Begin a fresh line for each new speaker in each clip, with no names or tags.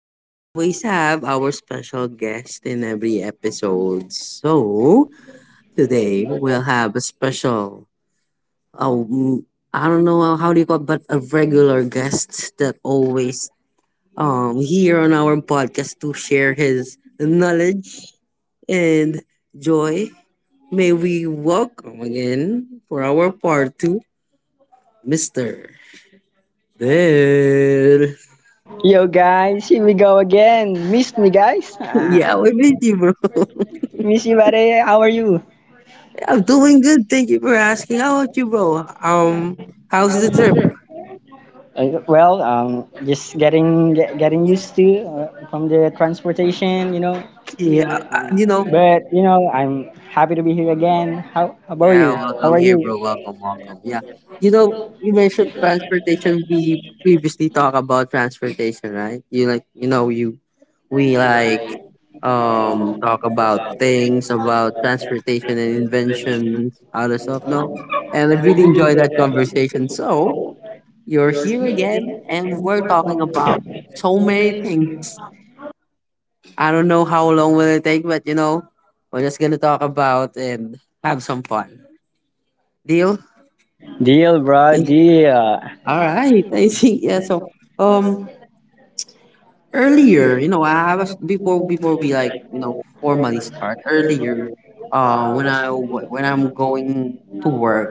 We always have our special guest in every episode. So today we'll have a special, um, I don't know how do you call it, but a regular guest that always here on our podcast to share his knowledge and joy. May we welcome again for our part two, Mr. Dead.
Yo guys, here we go again. Missed me guys?
Yeah,
Ah,
we miss you, bro.
miss you buddy. How are you?
I'm doing good. Thank you for asking. How about you, bro? How's the trip?
Well, just getting getting used to from the transportation.
Yeah,
Um, but I'm happy to be here again. How about you?
yeah,
How
welcome
are you?
here, bro. Welcome, welcome. Yeah. You know, you mentioned transportation. We previously talked about transportation, right? You like, we like, talk about things about transportation and inventions, other stuff. No, and I really enjoyed that conversation. So you're here again, and we're talking about so many things. I don't know how long will it take, but we're just gonna talk about and have some fun. Deal?
Deal, bro. Deal.
All right. I think yeah. So um earlier, I was before we like, formally start earlier, when I'm going to work,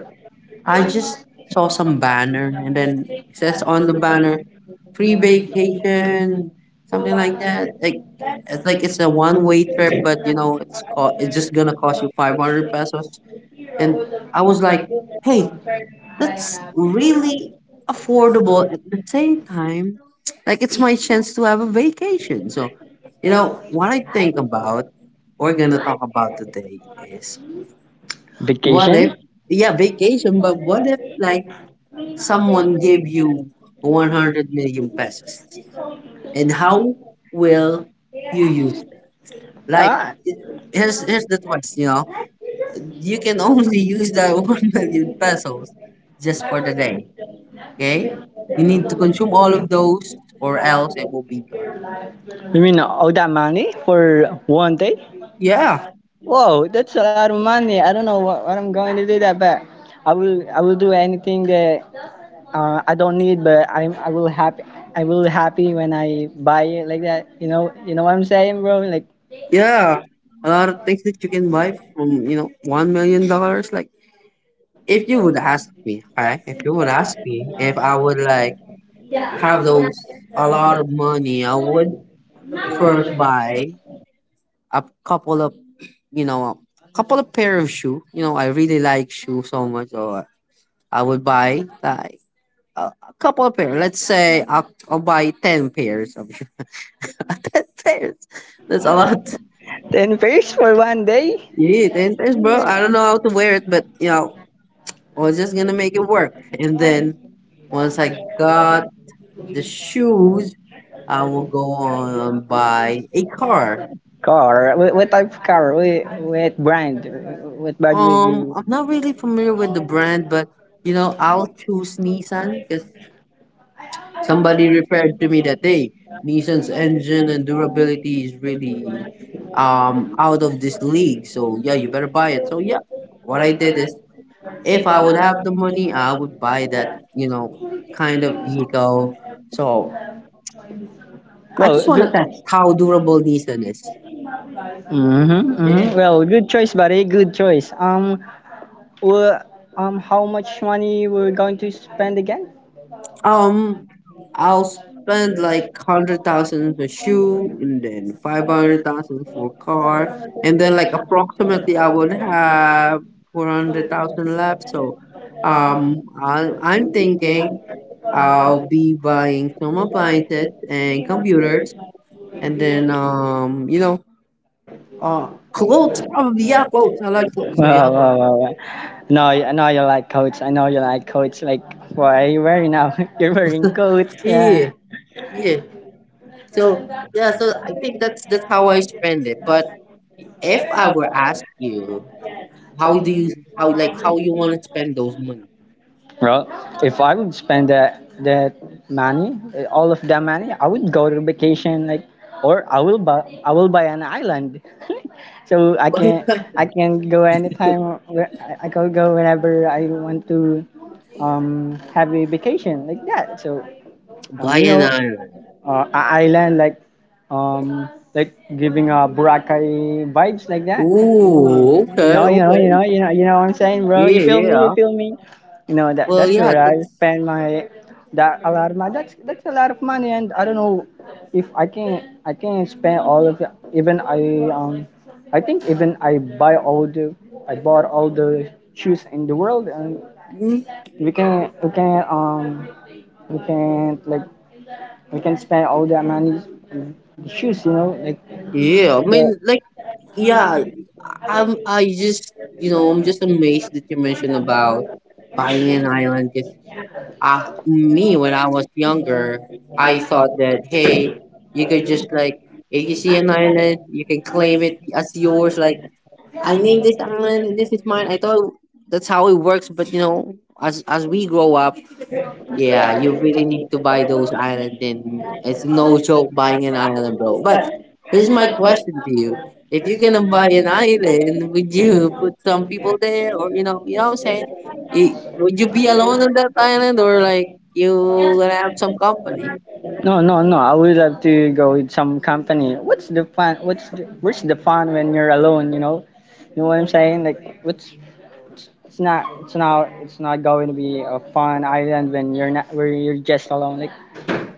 I just saw some banner and then it says on the banner free vacation, something like that. Like it's a one way trip, but it's just gonna cost you 500 pesos. And I was like, hey, that's really affordable at the same time like it's my chance to have a vacation. So you know what I think about we're gonna talk about today is what if,
Vacation?
yeah, vacation, but what if like someone gave you 100 million pesos and how will you use it? Like
Ah,
i- here's the twist. You know, you can only use that 1 million pesos just for the day. Okay? You need to consume all of those or else it will be gone.
you mean all that money for one day?
Yeah.
Whoa, that's a lot of money. I don't know what I'm going to do that, but I will do anything that I don't need, but I will happy when I buy it like that. You know what I'm saying, bro? Like
Yeah. A lot of things that you can buy from, $1 million. Like if you would ask me, okay? If you would ask me if I would like have those a lot of money, I would first buy a couple of a couple of pair of shoe. You know, I really like shoe so much, so I would buy like a couple of pair. Let's say I'll buy ten pairs of ten pairs. That's a lot.
ten pairs for one day.
Yeah, ten pairs, bro. I don't know how to wear it, but I was just gonna make it work. And then once I got the shoes, I will go on and buy a car.
Car. What type of car? What brand? What brand would you?
I'm not really familiar with the brand, but I'll choose Nissan because somebody referred to me that hey, Nissan's engine and durability is really out of this league. So yeah, you better buy it. So yeah, what I did is if I would have the money, I would buy that, you know, kind of vehicle. So I
Well,
just want to
good.
test how durable Nissan is.
Mm-hmm, mm-hmm.
Yeah.
Well, good choice, buddy. Good choice. Well, how much money we're going to spend again?
Um, I'll spend like 100,000 for shoe, and then 500,000 for car, and then like approximately I would have 400,000 left. So, I'm thinking I'll be buying some appliances and computers, and then Uh, clothes, probably. Yeah, clothes. I like clothes. So yeah,
Wow,
well,
wow, wow. No, I know you like coats. I know you like coats. Like, what are you wearing now? You're wearing coats,
yeah,
yeah.
yeah. So yeah, so I think that's how I spend it. But if I were asked you, how do you how like how you want to spend those money?
Well, if I would spend that money, all of that money, I would go to vacation, like, or I will buy an island, so I
What is
can
like
I can go anytime. I can go whenever I want to have a vacation like that. So um
buy
you
an
know,
island?
a island um like giving a Boracay vibes like that.
Ooh, okay, okay.
You know what I'm saying, bro? You
Yeah,
feel me? You
yeah.
feel me? You know that
Well,
that's
yeah,
where I
that's,
spend my that a lot of my that's a lot of money, and I don't know if I can spend all of it. Even I think even I buy all the I bought all the shoes in the world, and
mm,
we can we can um we can like we can spend all that money on the shoes.
yeah. I
Yeah.
mean, like, yeah. I'm. I just, I'm just amazed that you mentioned about buying an island. 'Cause me when I was younger, I thought that hey, you could just like if you see an island, you can claim it as yours. Like I named this island and this is mine. I thought that's how it works, but as we grow up, yeah, you really need to buy those island and it's no joke buying an island, bro. But here's my question to you. If you're gonna buy an island, would you put some people there or you know what I'm saying? Would you be alone on that island or like you gonna have some company?
No, no, no. I would love to go with some company. What's the fun? Where's the fun when you're alone? You know what I'm saying? Like, what's it's not it's not going to be a fun island when you're not where you're just alone. Like,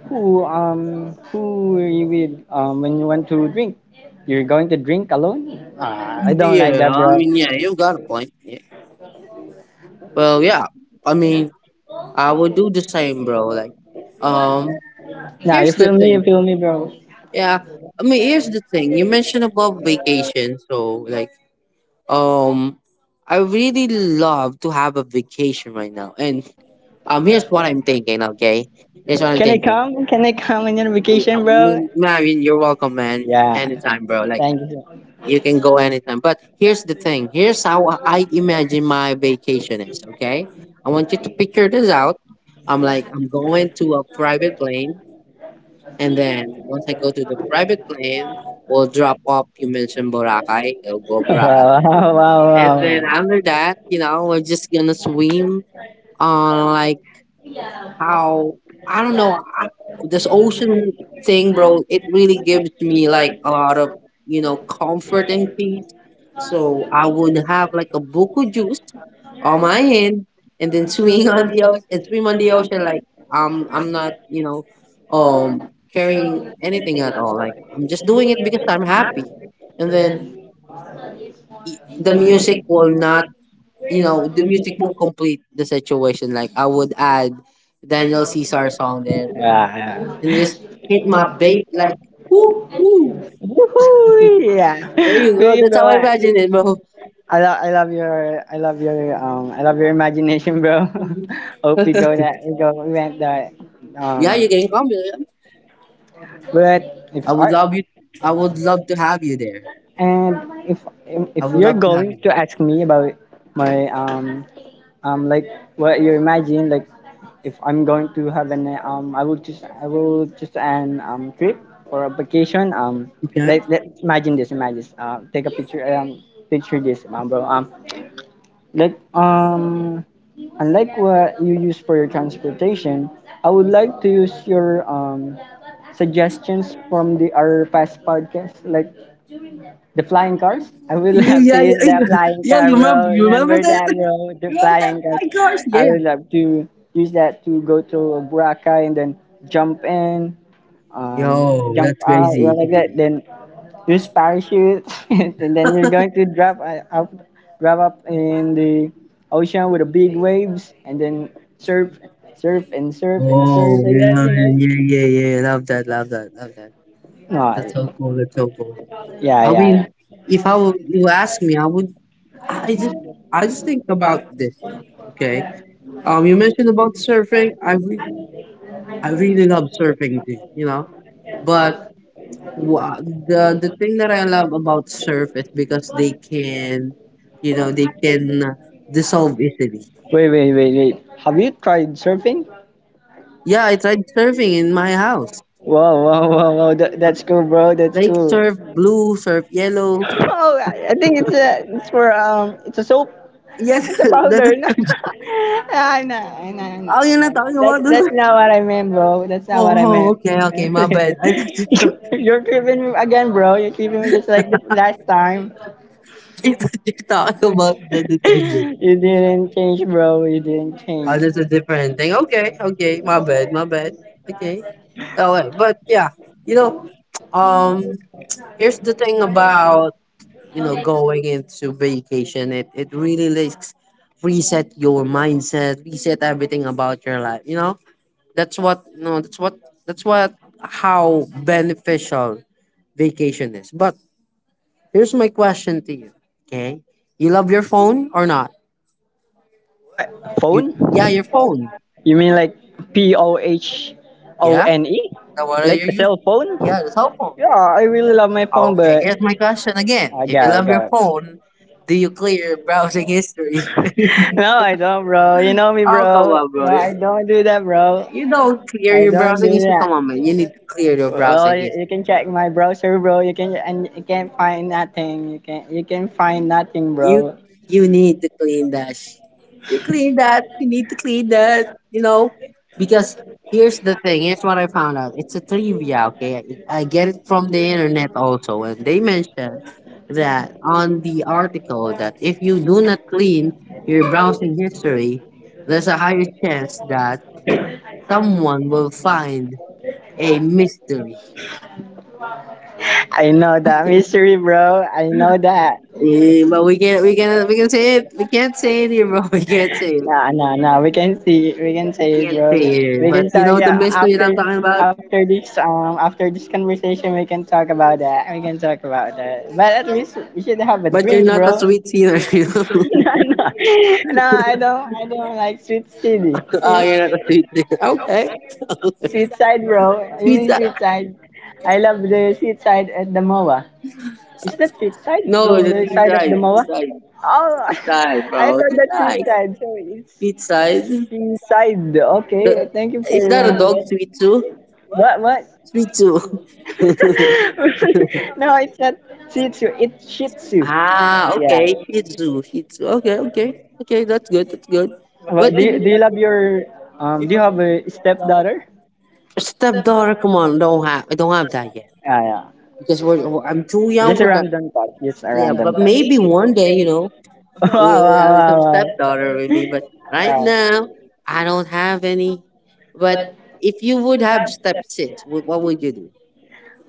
who are you with when you want to drink? You're going to drink alone? I don't like that,
Yeah, I
bro.
mean, yeah, you got a point. Yeah. Well, yeah. I mean I would do the same, bro. Like um
Nah, you
here's the
feel me? You
thing.
feel me, bro?
Yeah. I mean here's the thing. You mentioned about vacation, so like Um, I really love to have a vacation right now. And here's what I'm thinking. Okay, here's what I'm
Can I
thinking.
come? Can I come on your
Yeah,
vacation,
I
bro?
mean, Marvin, you're welcome, man.
Yeah.
Anytime, bro. Like
Thank you.
you can go anytime. But here's the thing. Here's how I imagine my vacation is. Okay, I want you to picture this out. I'm like I'm going to a private plane, and then once I go to the private plane, we'll drop off. You mentioned Boracay. I'll go Boracay.
Wow, wow,
And then
wow.
after that, we're just gonna swim on like how I don't know, this ocean thing, bro. It really gives me like a lot of comfort and peace. So I would have like a buku juice on my hand and then swing on the ocean and swim on the ocean like I'm not carrying anything at all. Like I'm just doing it because I'm happy, and then the music will not you know, the music would complete the situation. Like I would add Daniel Caesar song there
Yeah, yeah.
and just hit my babe like woo woo.
Woohoo!
There
Yeah.
you
There
go.
you
That's how
go.
I
I
imagine it, bro.
I love, I love your, I love your, I love your imagination, bro. Hope we go that, we go, we went that, yeah,
Yeah, you can come. Yeah.
but if
I would
art,
love you. I would love to have you there.
and if, if
I would
you're
love to have
going
you.
to ask me about my, like what you imagine, like if I'm going to have an I will just an trip or a vacation.
Okay.
Like let imagine this, imagine this. Take a picture. Picture this, bro. Like unlike what you use for your transportation, I would like to use your suggestions from the our past podcast. Like the flying cars? I will have to
Yeah,
use
yeah,
the flying
yo,
car,
you remember?
bro.
You remember
Remember
that?
that, bro? The
You remember that?
flying cars.
My gosh,
I
yeah.
will have to use that to go to Boracay and then jump in,
Yo,
jump
that's
out,
crazy.
like that. Then use parachute, and then you're going to drop up in the ocean with the big waves, and then surf, surf and surf and surf
Oh,
like that,
yeah, man,
you know?
yeah, yeah, yeah. Love that, love that, love that.
No,
That's so cool. That's so cool.
yeah, yeah,
I
yeah.
mean, if I would, you ask me, I would. I just, I just think about this. Okay. You mentioned about surfing. I really love surfing too. You know, but the thing that I love about surf is because they can, they can dissolve easily.
Wait, wait, wait, wait. Have you tried surfing?
Yeah, I tried surfing in my house.
Wow, wow, wow, wow. That's cool, bro. That's
Like
cool.
surf blue, surf yellow.
Oh, I think it's a soap.
Yes,
It's a
that
powder. No,
is.
I know, I know, I
Oh, you're not
know.
talking
That's
about this.
that's not what I meant, bro. That's not
Oh,
what I
oh,
meant.
okay, okay, my bad. I thought you.
You're keeping me again, bro. You're keeping me just like the last time.
It's you talk about the detergent.
You didn't change, bro. You didn't
Oh,
change.
that's a different thing. Okay, okay, my bad, my bad. Okay, okay, but yeah, you know, um, here's the thing about going into vacation. It really likes reset your mindset, reset everything about your life. You know, that's what no, that's what how beneficial vacation is. But here's my question to you. Okay, you love your phone or not?
What
You,
phone?
yeah, your phone.
You mean like P O H O
Yeah,
N E?
now what are
Like
you
a
using?
cell phone?
Yeah, the cell phone.
Yeah, I really love my phone, but
Okay, here's my question again.
I
If you
got it,
love your
got it.
phone, do you clear your browsing history?
No, I don't, bro. You know me,
Oh, come
bro.
on,
No, I
bro.
don't do that, bro.
You don't clear
I
your
don't
browsing
do
history. Come on,
that.
man. You need to clear your
Well,
browsing
you
history.
can check my browser, bro. You can and you can't find nothing. You can find nothing,
You
bro.
you need to clean that. You clean that. You need to clean that. You know, because here's the thing. Here's what I found out. It's a trivia. Okay, I get it from the internet also, and they mentioned that on the article that if you do not clean your browsing history, there's a higher chance that someone will find a mystery.
I know that mystery, bro. I know that.
Eh, but we can't, we can't, we can say it. We can't say it here, bro. We can't say it.
Nah, nah, nah. We can see, we can say bro. We can
But you
talk.
know the
Yeah,
mystery that I'm talking about?
after this conversation, we can talk about that. We can talk about that. But at least we should have a
But you're
drink,
not a
bro.
sweet singer, you know?
No, no, no. I don't like sweet city.
Oh,
See,
you're not a sweet singer. Okay.
sweet side, bro. You
Sweet
mean
side.
sweet side? I love the sweet side at the MOA. Is that sweet side?
No,
In
the
the
sweet
side of the
side.
MOA?
Sweet side.
Oh, I,
Sweet side,
right,
bro.
thought
Sweet
that's
side.
Richard. So it's
Sweet side. The,
okay, thank you
is
for
that a dog, sweet too?
what what?
Sweet too.
No, it's not Shih Tzu. It's Shih Tzu.
Ah,
Yeah.
okay. Shih Tzu. Shih Tzu. Okay, okay. Okay, that's good. That's good.
Well,
But
do
the
you, do you love your? Do you have a stepdaughter?
stepdaughter, come on, don't have. I don't have that yet
Yeah, yeah.
because I'm too young
Just a
for that.
random thought. Just a yeah,
Yeah,
random
but
thought.
maybe one day.
Wow,
we
wow,
have some
wow,
stepdaughter
wow.
with me, but right
Wow.
now I don't have any. But if you would have stepsis, what would you do?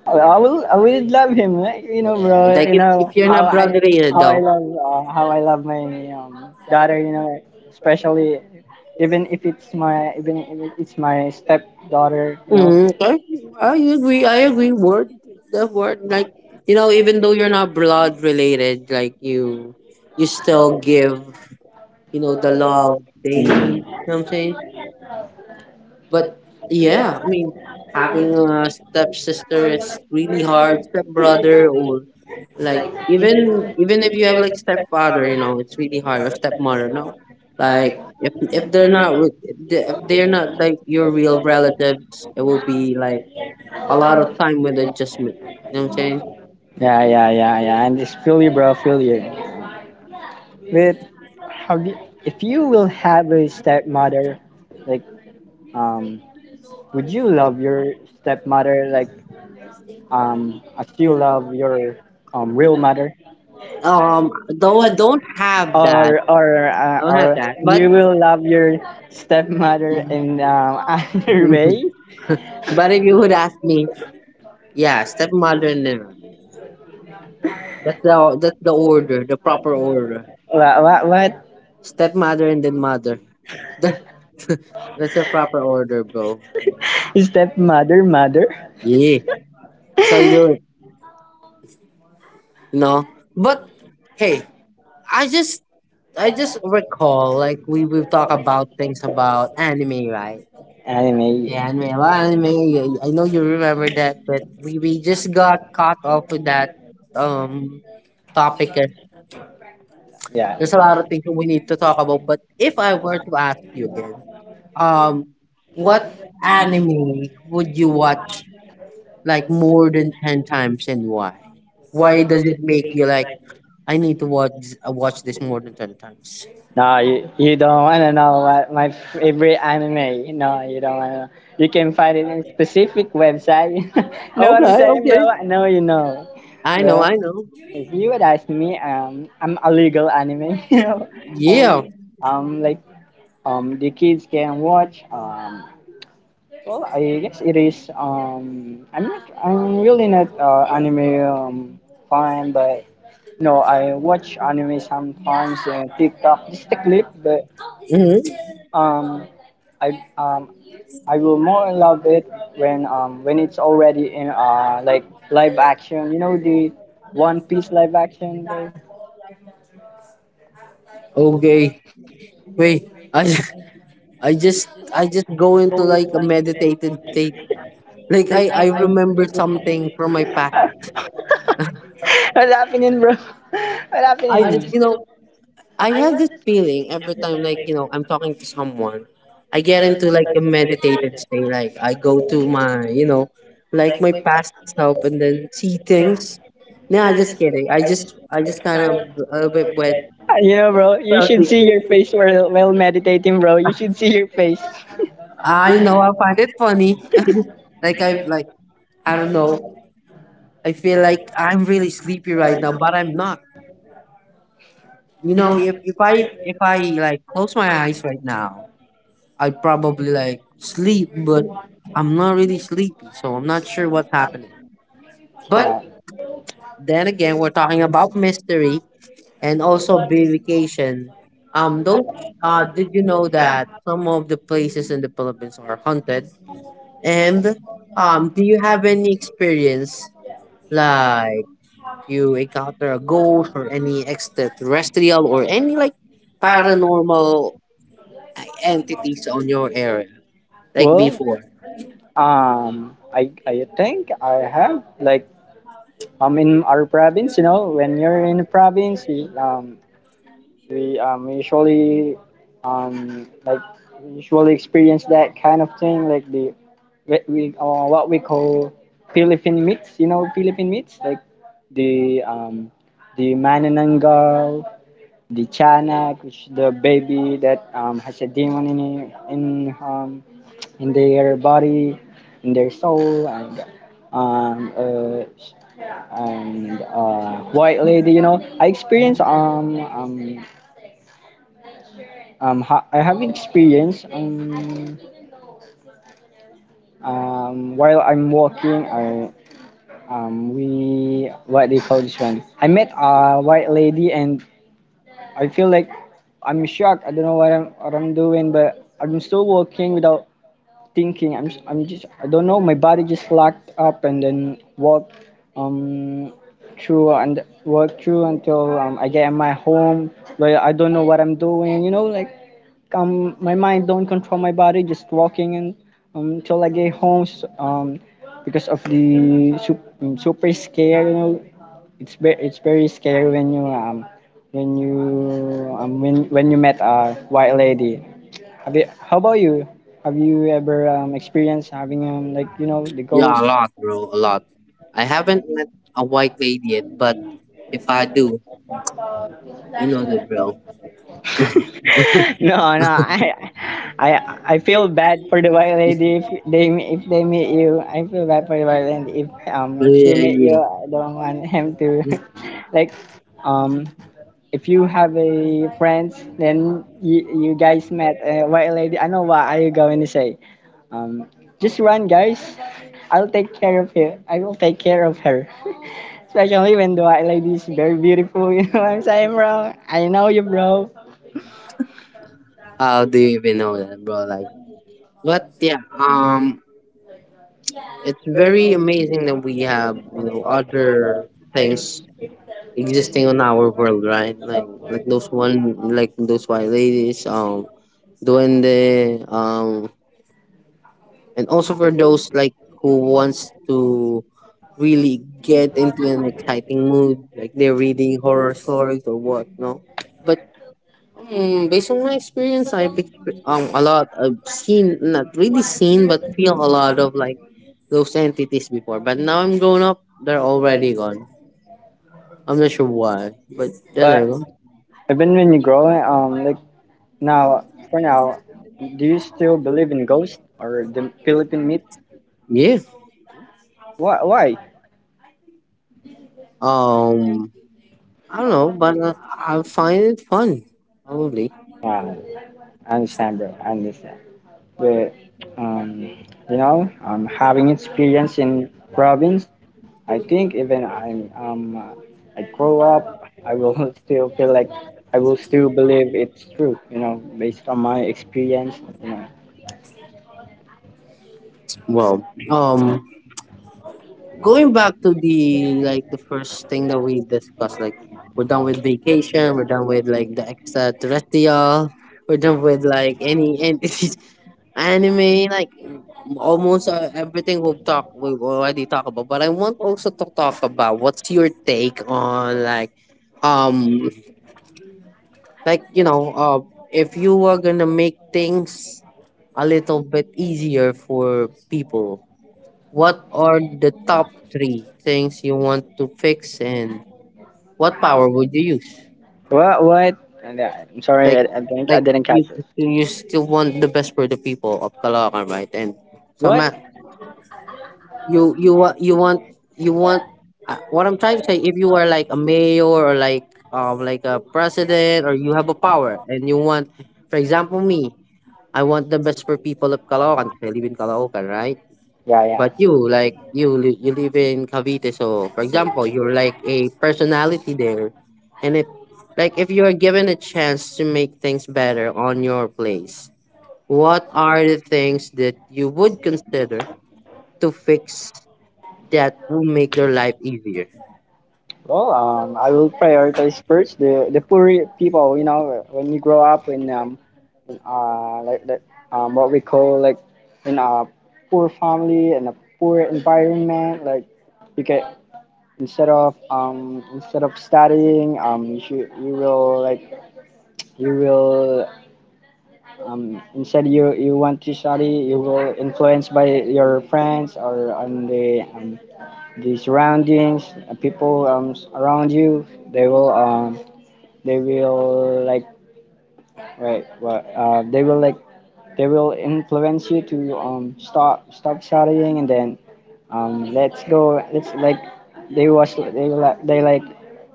I will love him, like, you know,
Yeah,
bro.
like
You
if
know
you're not brothering it
how
though.
I love how I love my daughter. You know, especially even if it's my stepdaughter. You know,
Mm, okay, I agree. I agree. The word, like even though you're not blood related, like you still give, the love they need.
mm.
You know what I'm saying? But yeah, I mean, having a stepsister is really hard. Stepbrother or like even if you have like stepfather, you know, it's really hard. Or stepmother, no, like if they're not with- if they- if they're not like your real relatives, it will be like a lot of time with adjustment. You know what I'm saying?
Yeah, yeah, yeah, yeah. And it's feel you, bro, feel you. But how do if you will have a stepmother, like um, would you love your stepmother like as you love your real mother?
Though I don't have that,
or or uh, or
but
you will love your stepmother in another way.
if you would ask me, yeah, stepmother, and no. That's the order, the proper order.
What
Stepmother and then mother. That, that's the proper order, bro.
stepmother mother?
Yeah, that's how you do it. You know. But hey, I just I just recall like we talk about things about anime, right?
Anime.
Yeah, anime. Well, anime. I know you remember that, but we just got caught off with that um topic eh.
Yeah.
There's a lot of things that we need to talk about, but if I were to ask you again, um, what anime would you watch like more than 10 times and why? Why does it make you like I need to watch this more than 10 times?
No, you don't wanna know what my favorite anime. No, you don't wanna. You can find it in specific website. Know what I'm
Okay,
saying,
okay.
bro? I know you know.
I know,
But
I know.
if you would ask me, I'm a legal anime. You
Yeah.
know, I, like the kids can watch well, I guess it is I'm not I'm really not anime fan, but no, I watch anime sometimes in TikTok, just a clip, but
Hmm.
um i um I will more love it when it's already in like live action. You know the one piece live action, bro?
Okay. Wait. I I just I just go into like a meditated state. Like I remember something from my past.
What's happening, bro? What's
I just
happening?
I have this feeling every time, like, I'm talking to someone, I get into like a meditated state. Like, I go to my, like my past self and then see things. Nah, just kidding. I just kind of a little bit went.
You know, bro, you should see your face while meditating, bro. You should see your face.
I know, I find it funny. Like, I like, I don't know. I feel like I'm really sleepy right now, but I'm not. You know, if I like close my eyes right now, I probably like sleep, but I'm not really sleepy, so I'm not sure what's happening. But then again, we're talking about mystery and also vacation. Don't did you know that some of the places in the Philippines are haunted? And do you have any experience like you encounter a ghost or any extraterrestrial or any like paranormal entities on your area like
Well,
before?
I think I have like in our province, you know, when you're in the province, we um usually um like we usually experience that kind of thing, like the we what we call Philippine meats, Philippine meats like the um the manananggal, the Chanak, which the baby that has a demon in in their body, in their soul, um, uh, and white lady. You know, I have experience while I'm walking. I we What do you call this one? I met a white lady and I feel like I'm shocked. I don't know what I'm doing, but I'm still walking without thinking. I don't know, my body just locked up and then walked um walked through until I get in my home, where I don't know what I'm doing, you know, like my mind don't control my body, just walking, and until I get home, because of the super scare. It's very scary when you when you when you met a white lady. Have you? How about you? Have you ever experienced having like the
Yeah, a
ghost?
lot, bro, a lot. I haven't met a white lady yet, but if I do, you know the drill.
No, no. I feel bad for the white lady if they meet you. I feel bad for the white lady if if she
Yeah,
meet you.
yeah.
I don't want him to, like, um. If you have a friends, then you guys met a white lady. I know what are you going to say. Um, just run, guys. I'll take care of you. I will take care of her. Especially when the white lady is very beautiful, you know what I'm saying, bro? I know you, bro.
How do you even know that, bro? Like, but yeah, it's very amazing that we have other things existing on our world, right? Like those one, like those white ladies, doing the and also for those like who wants to really get into an exciting mood like they're reading horror stories or what no, but based on my experience, I've a lot. I've seen, not really seen but feel a lot of like those entities before, but now I'm grown up, they're already gone. I'm not sure why, but yeah, there they
But
go.
even when you grow, like now, for now, do you still believe in ghosts or the Philippine myth?
Yeah.
Why? Why?
um I don't know, but I find it fun probably.
Uh, I understand, bro. I understand. But um, you know, having experience in province, I think even I grow up, I will still feel like I will still believe it's true. You know, based on my experience. You know,
Well, um going back to the like the first thing that we discussed, like we're done with vacation, we're done with like the extraterrestrial, we're done with like any anime, like almost everything we've already talked about. But I want also to talk about what's your take on um like if you were gonna make things a little bit easier for people, what are the top three things you want to fix, and what power would you use?
what? What? And, I'm sorry, I,
Like,
I think I
like
didn't
you
catch it.
you still want the best for the people of Caloocan, right? And so,
What?
ma- you want you want you want. What I'm trying to say, if you are like a mayor or like a president, or you have a power and you want, for example, me, I want the best for people of Caloocan 'cause I live in Caloocan, right?
Yeah,
But
yeah.
you like you live in Cavite, so for example, you're like a personality there, and if like if you are given a chance to make things better on your place, what are the things that you would consider to fix that will make your life easier?
Well, I will prioritize first the poor people. You know, when you grow up in, what we call like in a poor family and a poor environment, like you can instead of studying, you should you will like you will instead you you want to study, you will influenced by your friends or on the surroundings, people around you, they will um, they will like right, well, they will like they will influence you to stop studying, and then let's go. Let's like they was they were like they like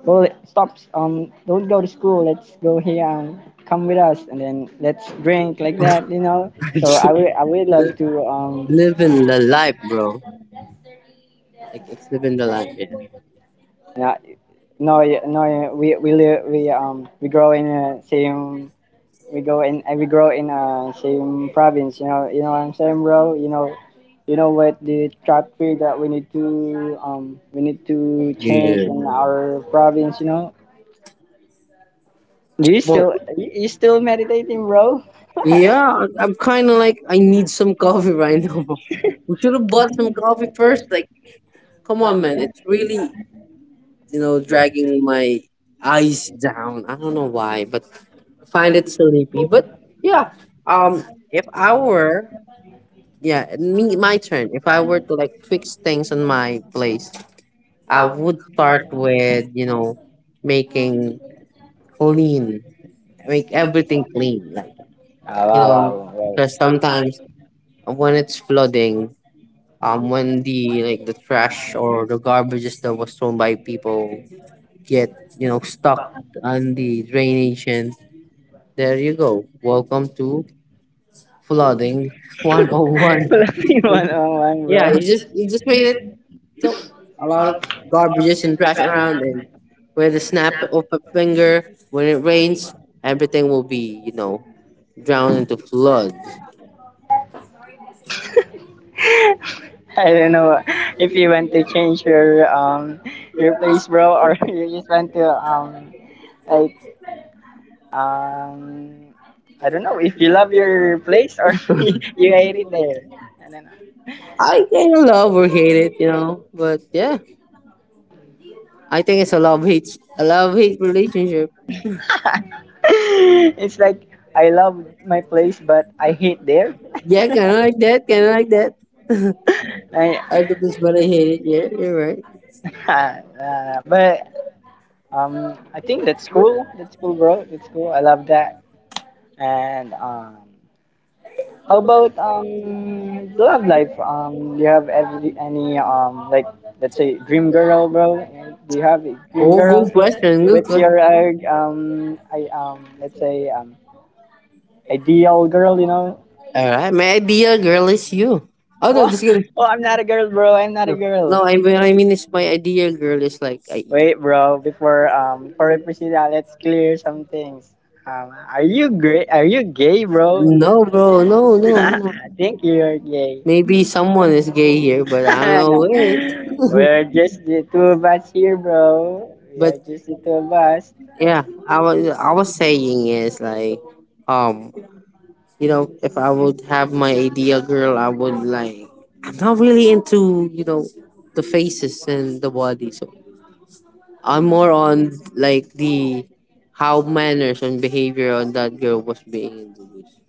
well stop don't go to school. Let's go here. Come with us, and then let's drink like that. You know. So I would love to
Living the life, bro. Like it's living the life, yeah.
yeah, no. We live we grow in same we go in We grow in same province. You know what I'm saying, bro. You know what the traffic that we need to change
Yeah.
in our province. You know,
Well,
you, you still meditating, bro.
yeah, I'm kind of like I need some coffee right now. Bro. We should have bought some coffee first. Like, come on, man. It's really, dragging my eyes down. I don't know why, but I find it sleepy. But yeah, um, if I were, yeah, me, my turn. If I were to like fix things on my place, I would start with, making clean, make everything clean. Like,
Ah,
you
wow,
know,
wow, wow.
because sometimes when it's flooding, when the like the trash or the garbages that was thrown by people get stuck on the drainage, and there you go, welcome to flooding 101.
Wala ka one-on-one,
Yeah, you just made it,
bro.
you know, a lot of garbages and trash around, and with a snap of a finger when it rains, everything will be drowned into flood.
I don't know if you want to change your place, bro, or you just want to like um I don't know if you love your place or you hate it there. I don't know.
I kind of love or hate it, but yeah, I think it's a love hate relationship.
It's like I love my place, but I hate there.
Yeah, kind of like that, kind of like that.
I,
I love this but I hate it, yeah, you're right.
but I think that's cool. That's cool, bro. That's cool. I love that. And how about love life? Do you have every any like, let's say, dream girl, bro? And do you have a dream
Oh,
girl?
good question. Good
What's
question.
your I let's say ideal girl? You know?
All right, my ideal girl is you. Oh no,
Well,
just kidding.
well, I'm not a girl, bro. I'm not a
No, no,
girl.
I mean, it's my ideal girl is like I.
Wait, bro. Before we proceed, let's clear some things. Are you gay? Are you gay, bro?
No, bro, no, no,
I
no.
think you're gay.
Maybe someone is gay here, but I don't
No.
know
We're
it.
just the two of us here, bro. We
But
are just the two of us.
yeah, I was saying is like, um, if I would have my ideal girl, I would like. I'm not really into, the faces and the body, so I'm more on like the how manners and behavior on that girl was being introduced.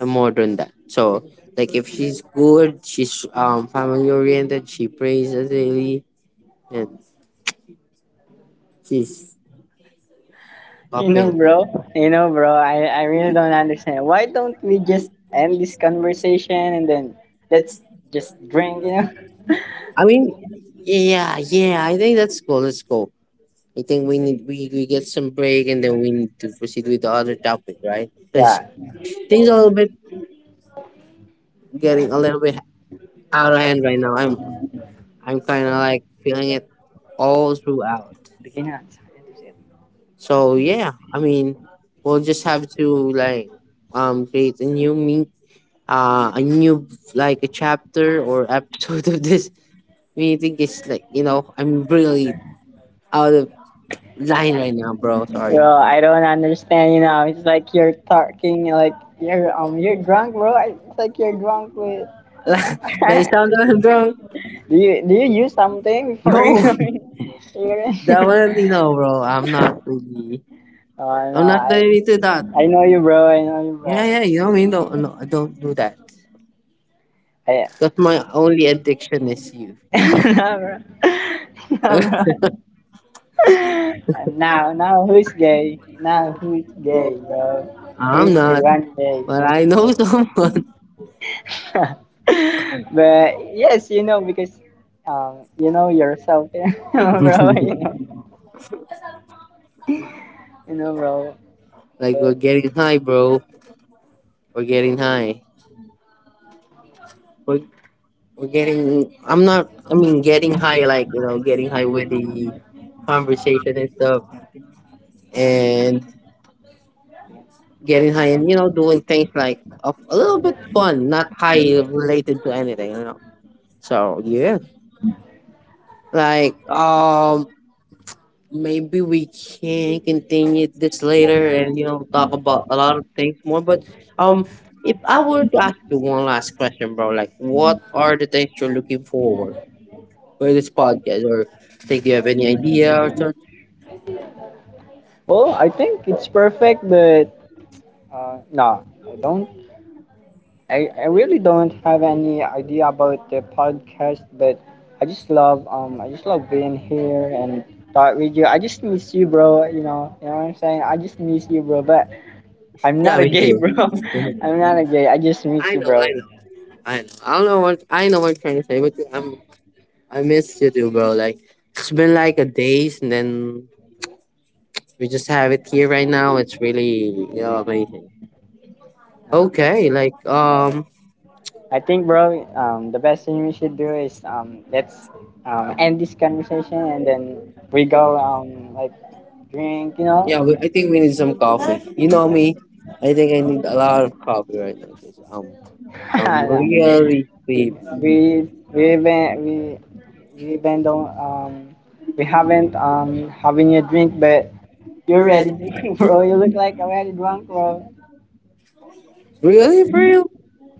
I'm more than that. So like if she's good, she's family oriented, she prays daily, and she's
You know,
open.
bro. You know, bro. I really don't understand. Why don't we just end this conversation and then let's just drink, you know?
I mean, yeah, yeah, I think that's cool. Let's go. I think we get some break, and then we need to proceed with the other topic, right? Because
Yeah.
things are a little bit getting a little bit out of hand right now. I'm kinda like feeling it all throughout.
Begin na.
So yeah, I mean, we'll just have to like create a new, like a chapter or episode of this meeting is like, I'm really out of line right now, bro. Sorry,
Bro, I don't understand. You know, it's like you're talking like you're drunk, bro. I- It's like you're drunk with.
that I sound like I'm drunk.
Do you use something before you
No.
go in here?
Definitely no, bro. I'm not really.
Oh, I know.
I'm not really to that.
I know you, bro. I know you,
Yeah, yeah. You know what I mean?
bro.
Do no, I don't do that.
I,
Because my only addiction is you.
no, bro. No, bro. Now, now who's gay? Now who's gay, bro?
I'm
Who's the
not,
one gay?
but I know someone.
But yes, you know, because you know yourself, you know, bro. You know, bro.
Like we're
But
getting high, bro. We're getting high. We're we're getting. I'm not. I mean, getting high, like, getting high with the conversation and stuff, and getting high, and, doing things like a little bit fun, not high related to anything, you know. So yeah, like maybe we can continue this later, and talk about a lot of things more. But um, if I were to ask you one last question, bro, like what are the things you're looking forward for this podcast, or think you have any idea or something?
well, I think it's perfect. But no, I really don't have any idea about the podcast, but I just love being here and talk with you. I just miss you, bro. You know what I'm saying? I just miss you, bro. But I'm
Yeah,
not a
me
gay,
too.
bro. I'm not a gay. I just
I
miss you,
know, I
bro.
know, I know. I don't know what I know what I'm trying to say, but I miss you too, bro. Like it's been like a days, and then we just have it here right now. It's really, amazing.
No.
Okay.
I think, bro. The best thing we should do is let's end this conversation and then we go like drink. You know?
Yeah, we, I think we need some coffee. You know me, I think I need a lot of coffee right now because I'm
No.
really sleepy.
we we went we we went on we haven't having a drink, but you're ready. Bro, you look like already drunk, bro.
Really, for real?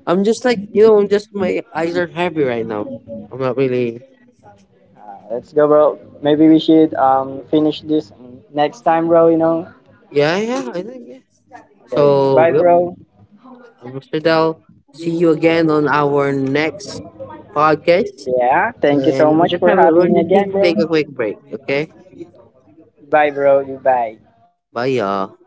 I'm just like, just my eyes are heavy right now. I'm not really.
Let's go, bro. Maybe we should finish this next time, bro. You know,
Yeah, yeah, I think yeah.
okay,
So,
bye,
yep,
bro.
I'm Mr. Dell. See you again on our next podcast,
Yeah, thank you
and
so much for
we
having me
just need
again,
to
bro.
take a quick break. Okay,
Bye, bro. You bye.
bye, y'all.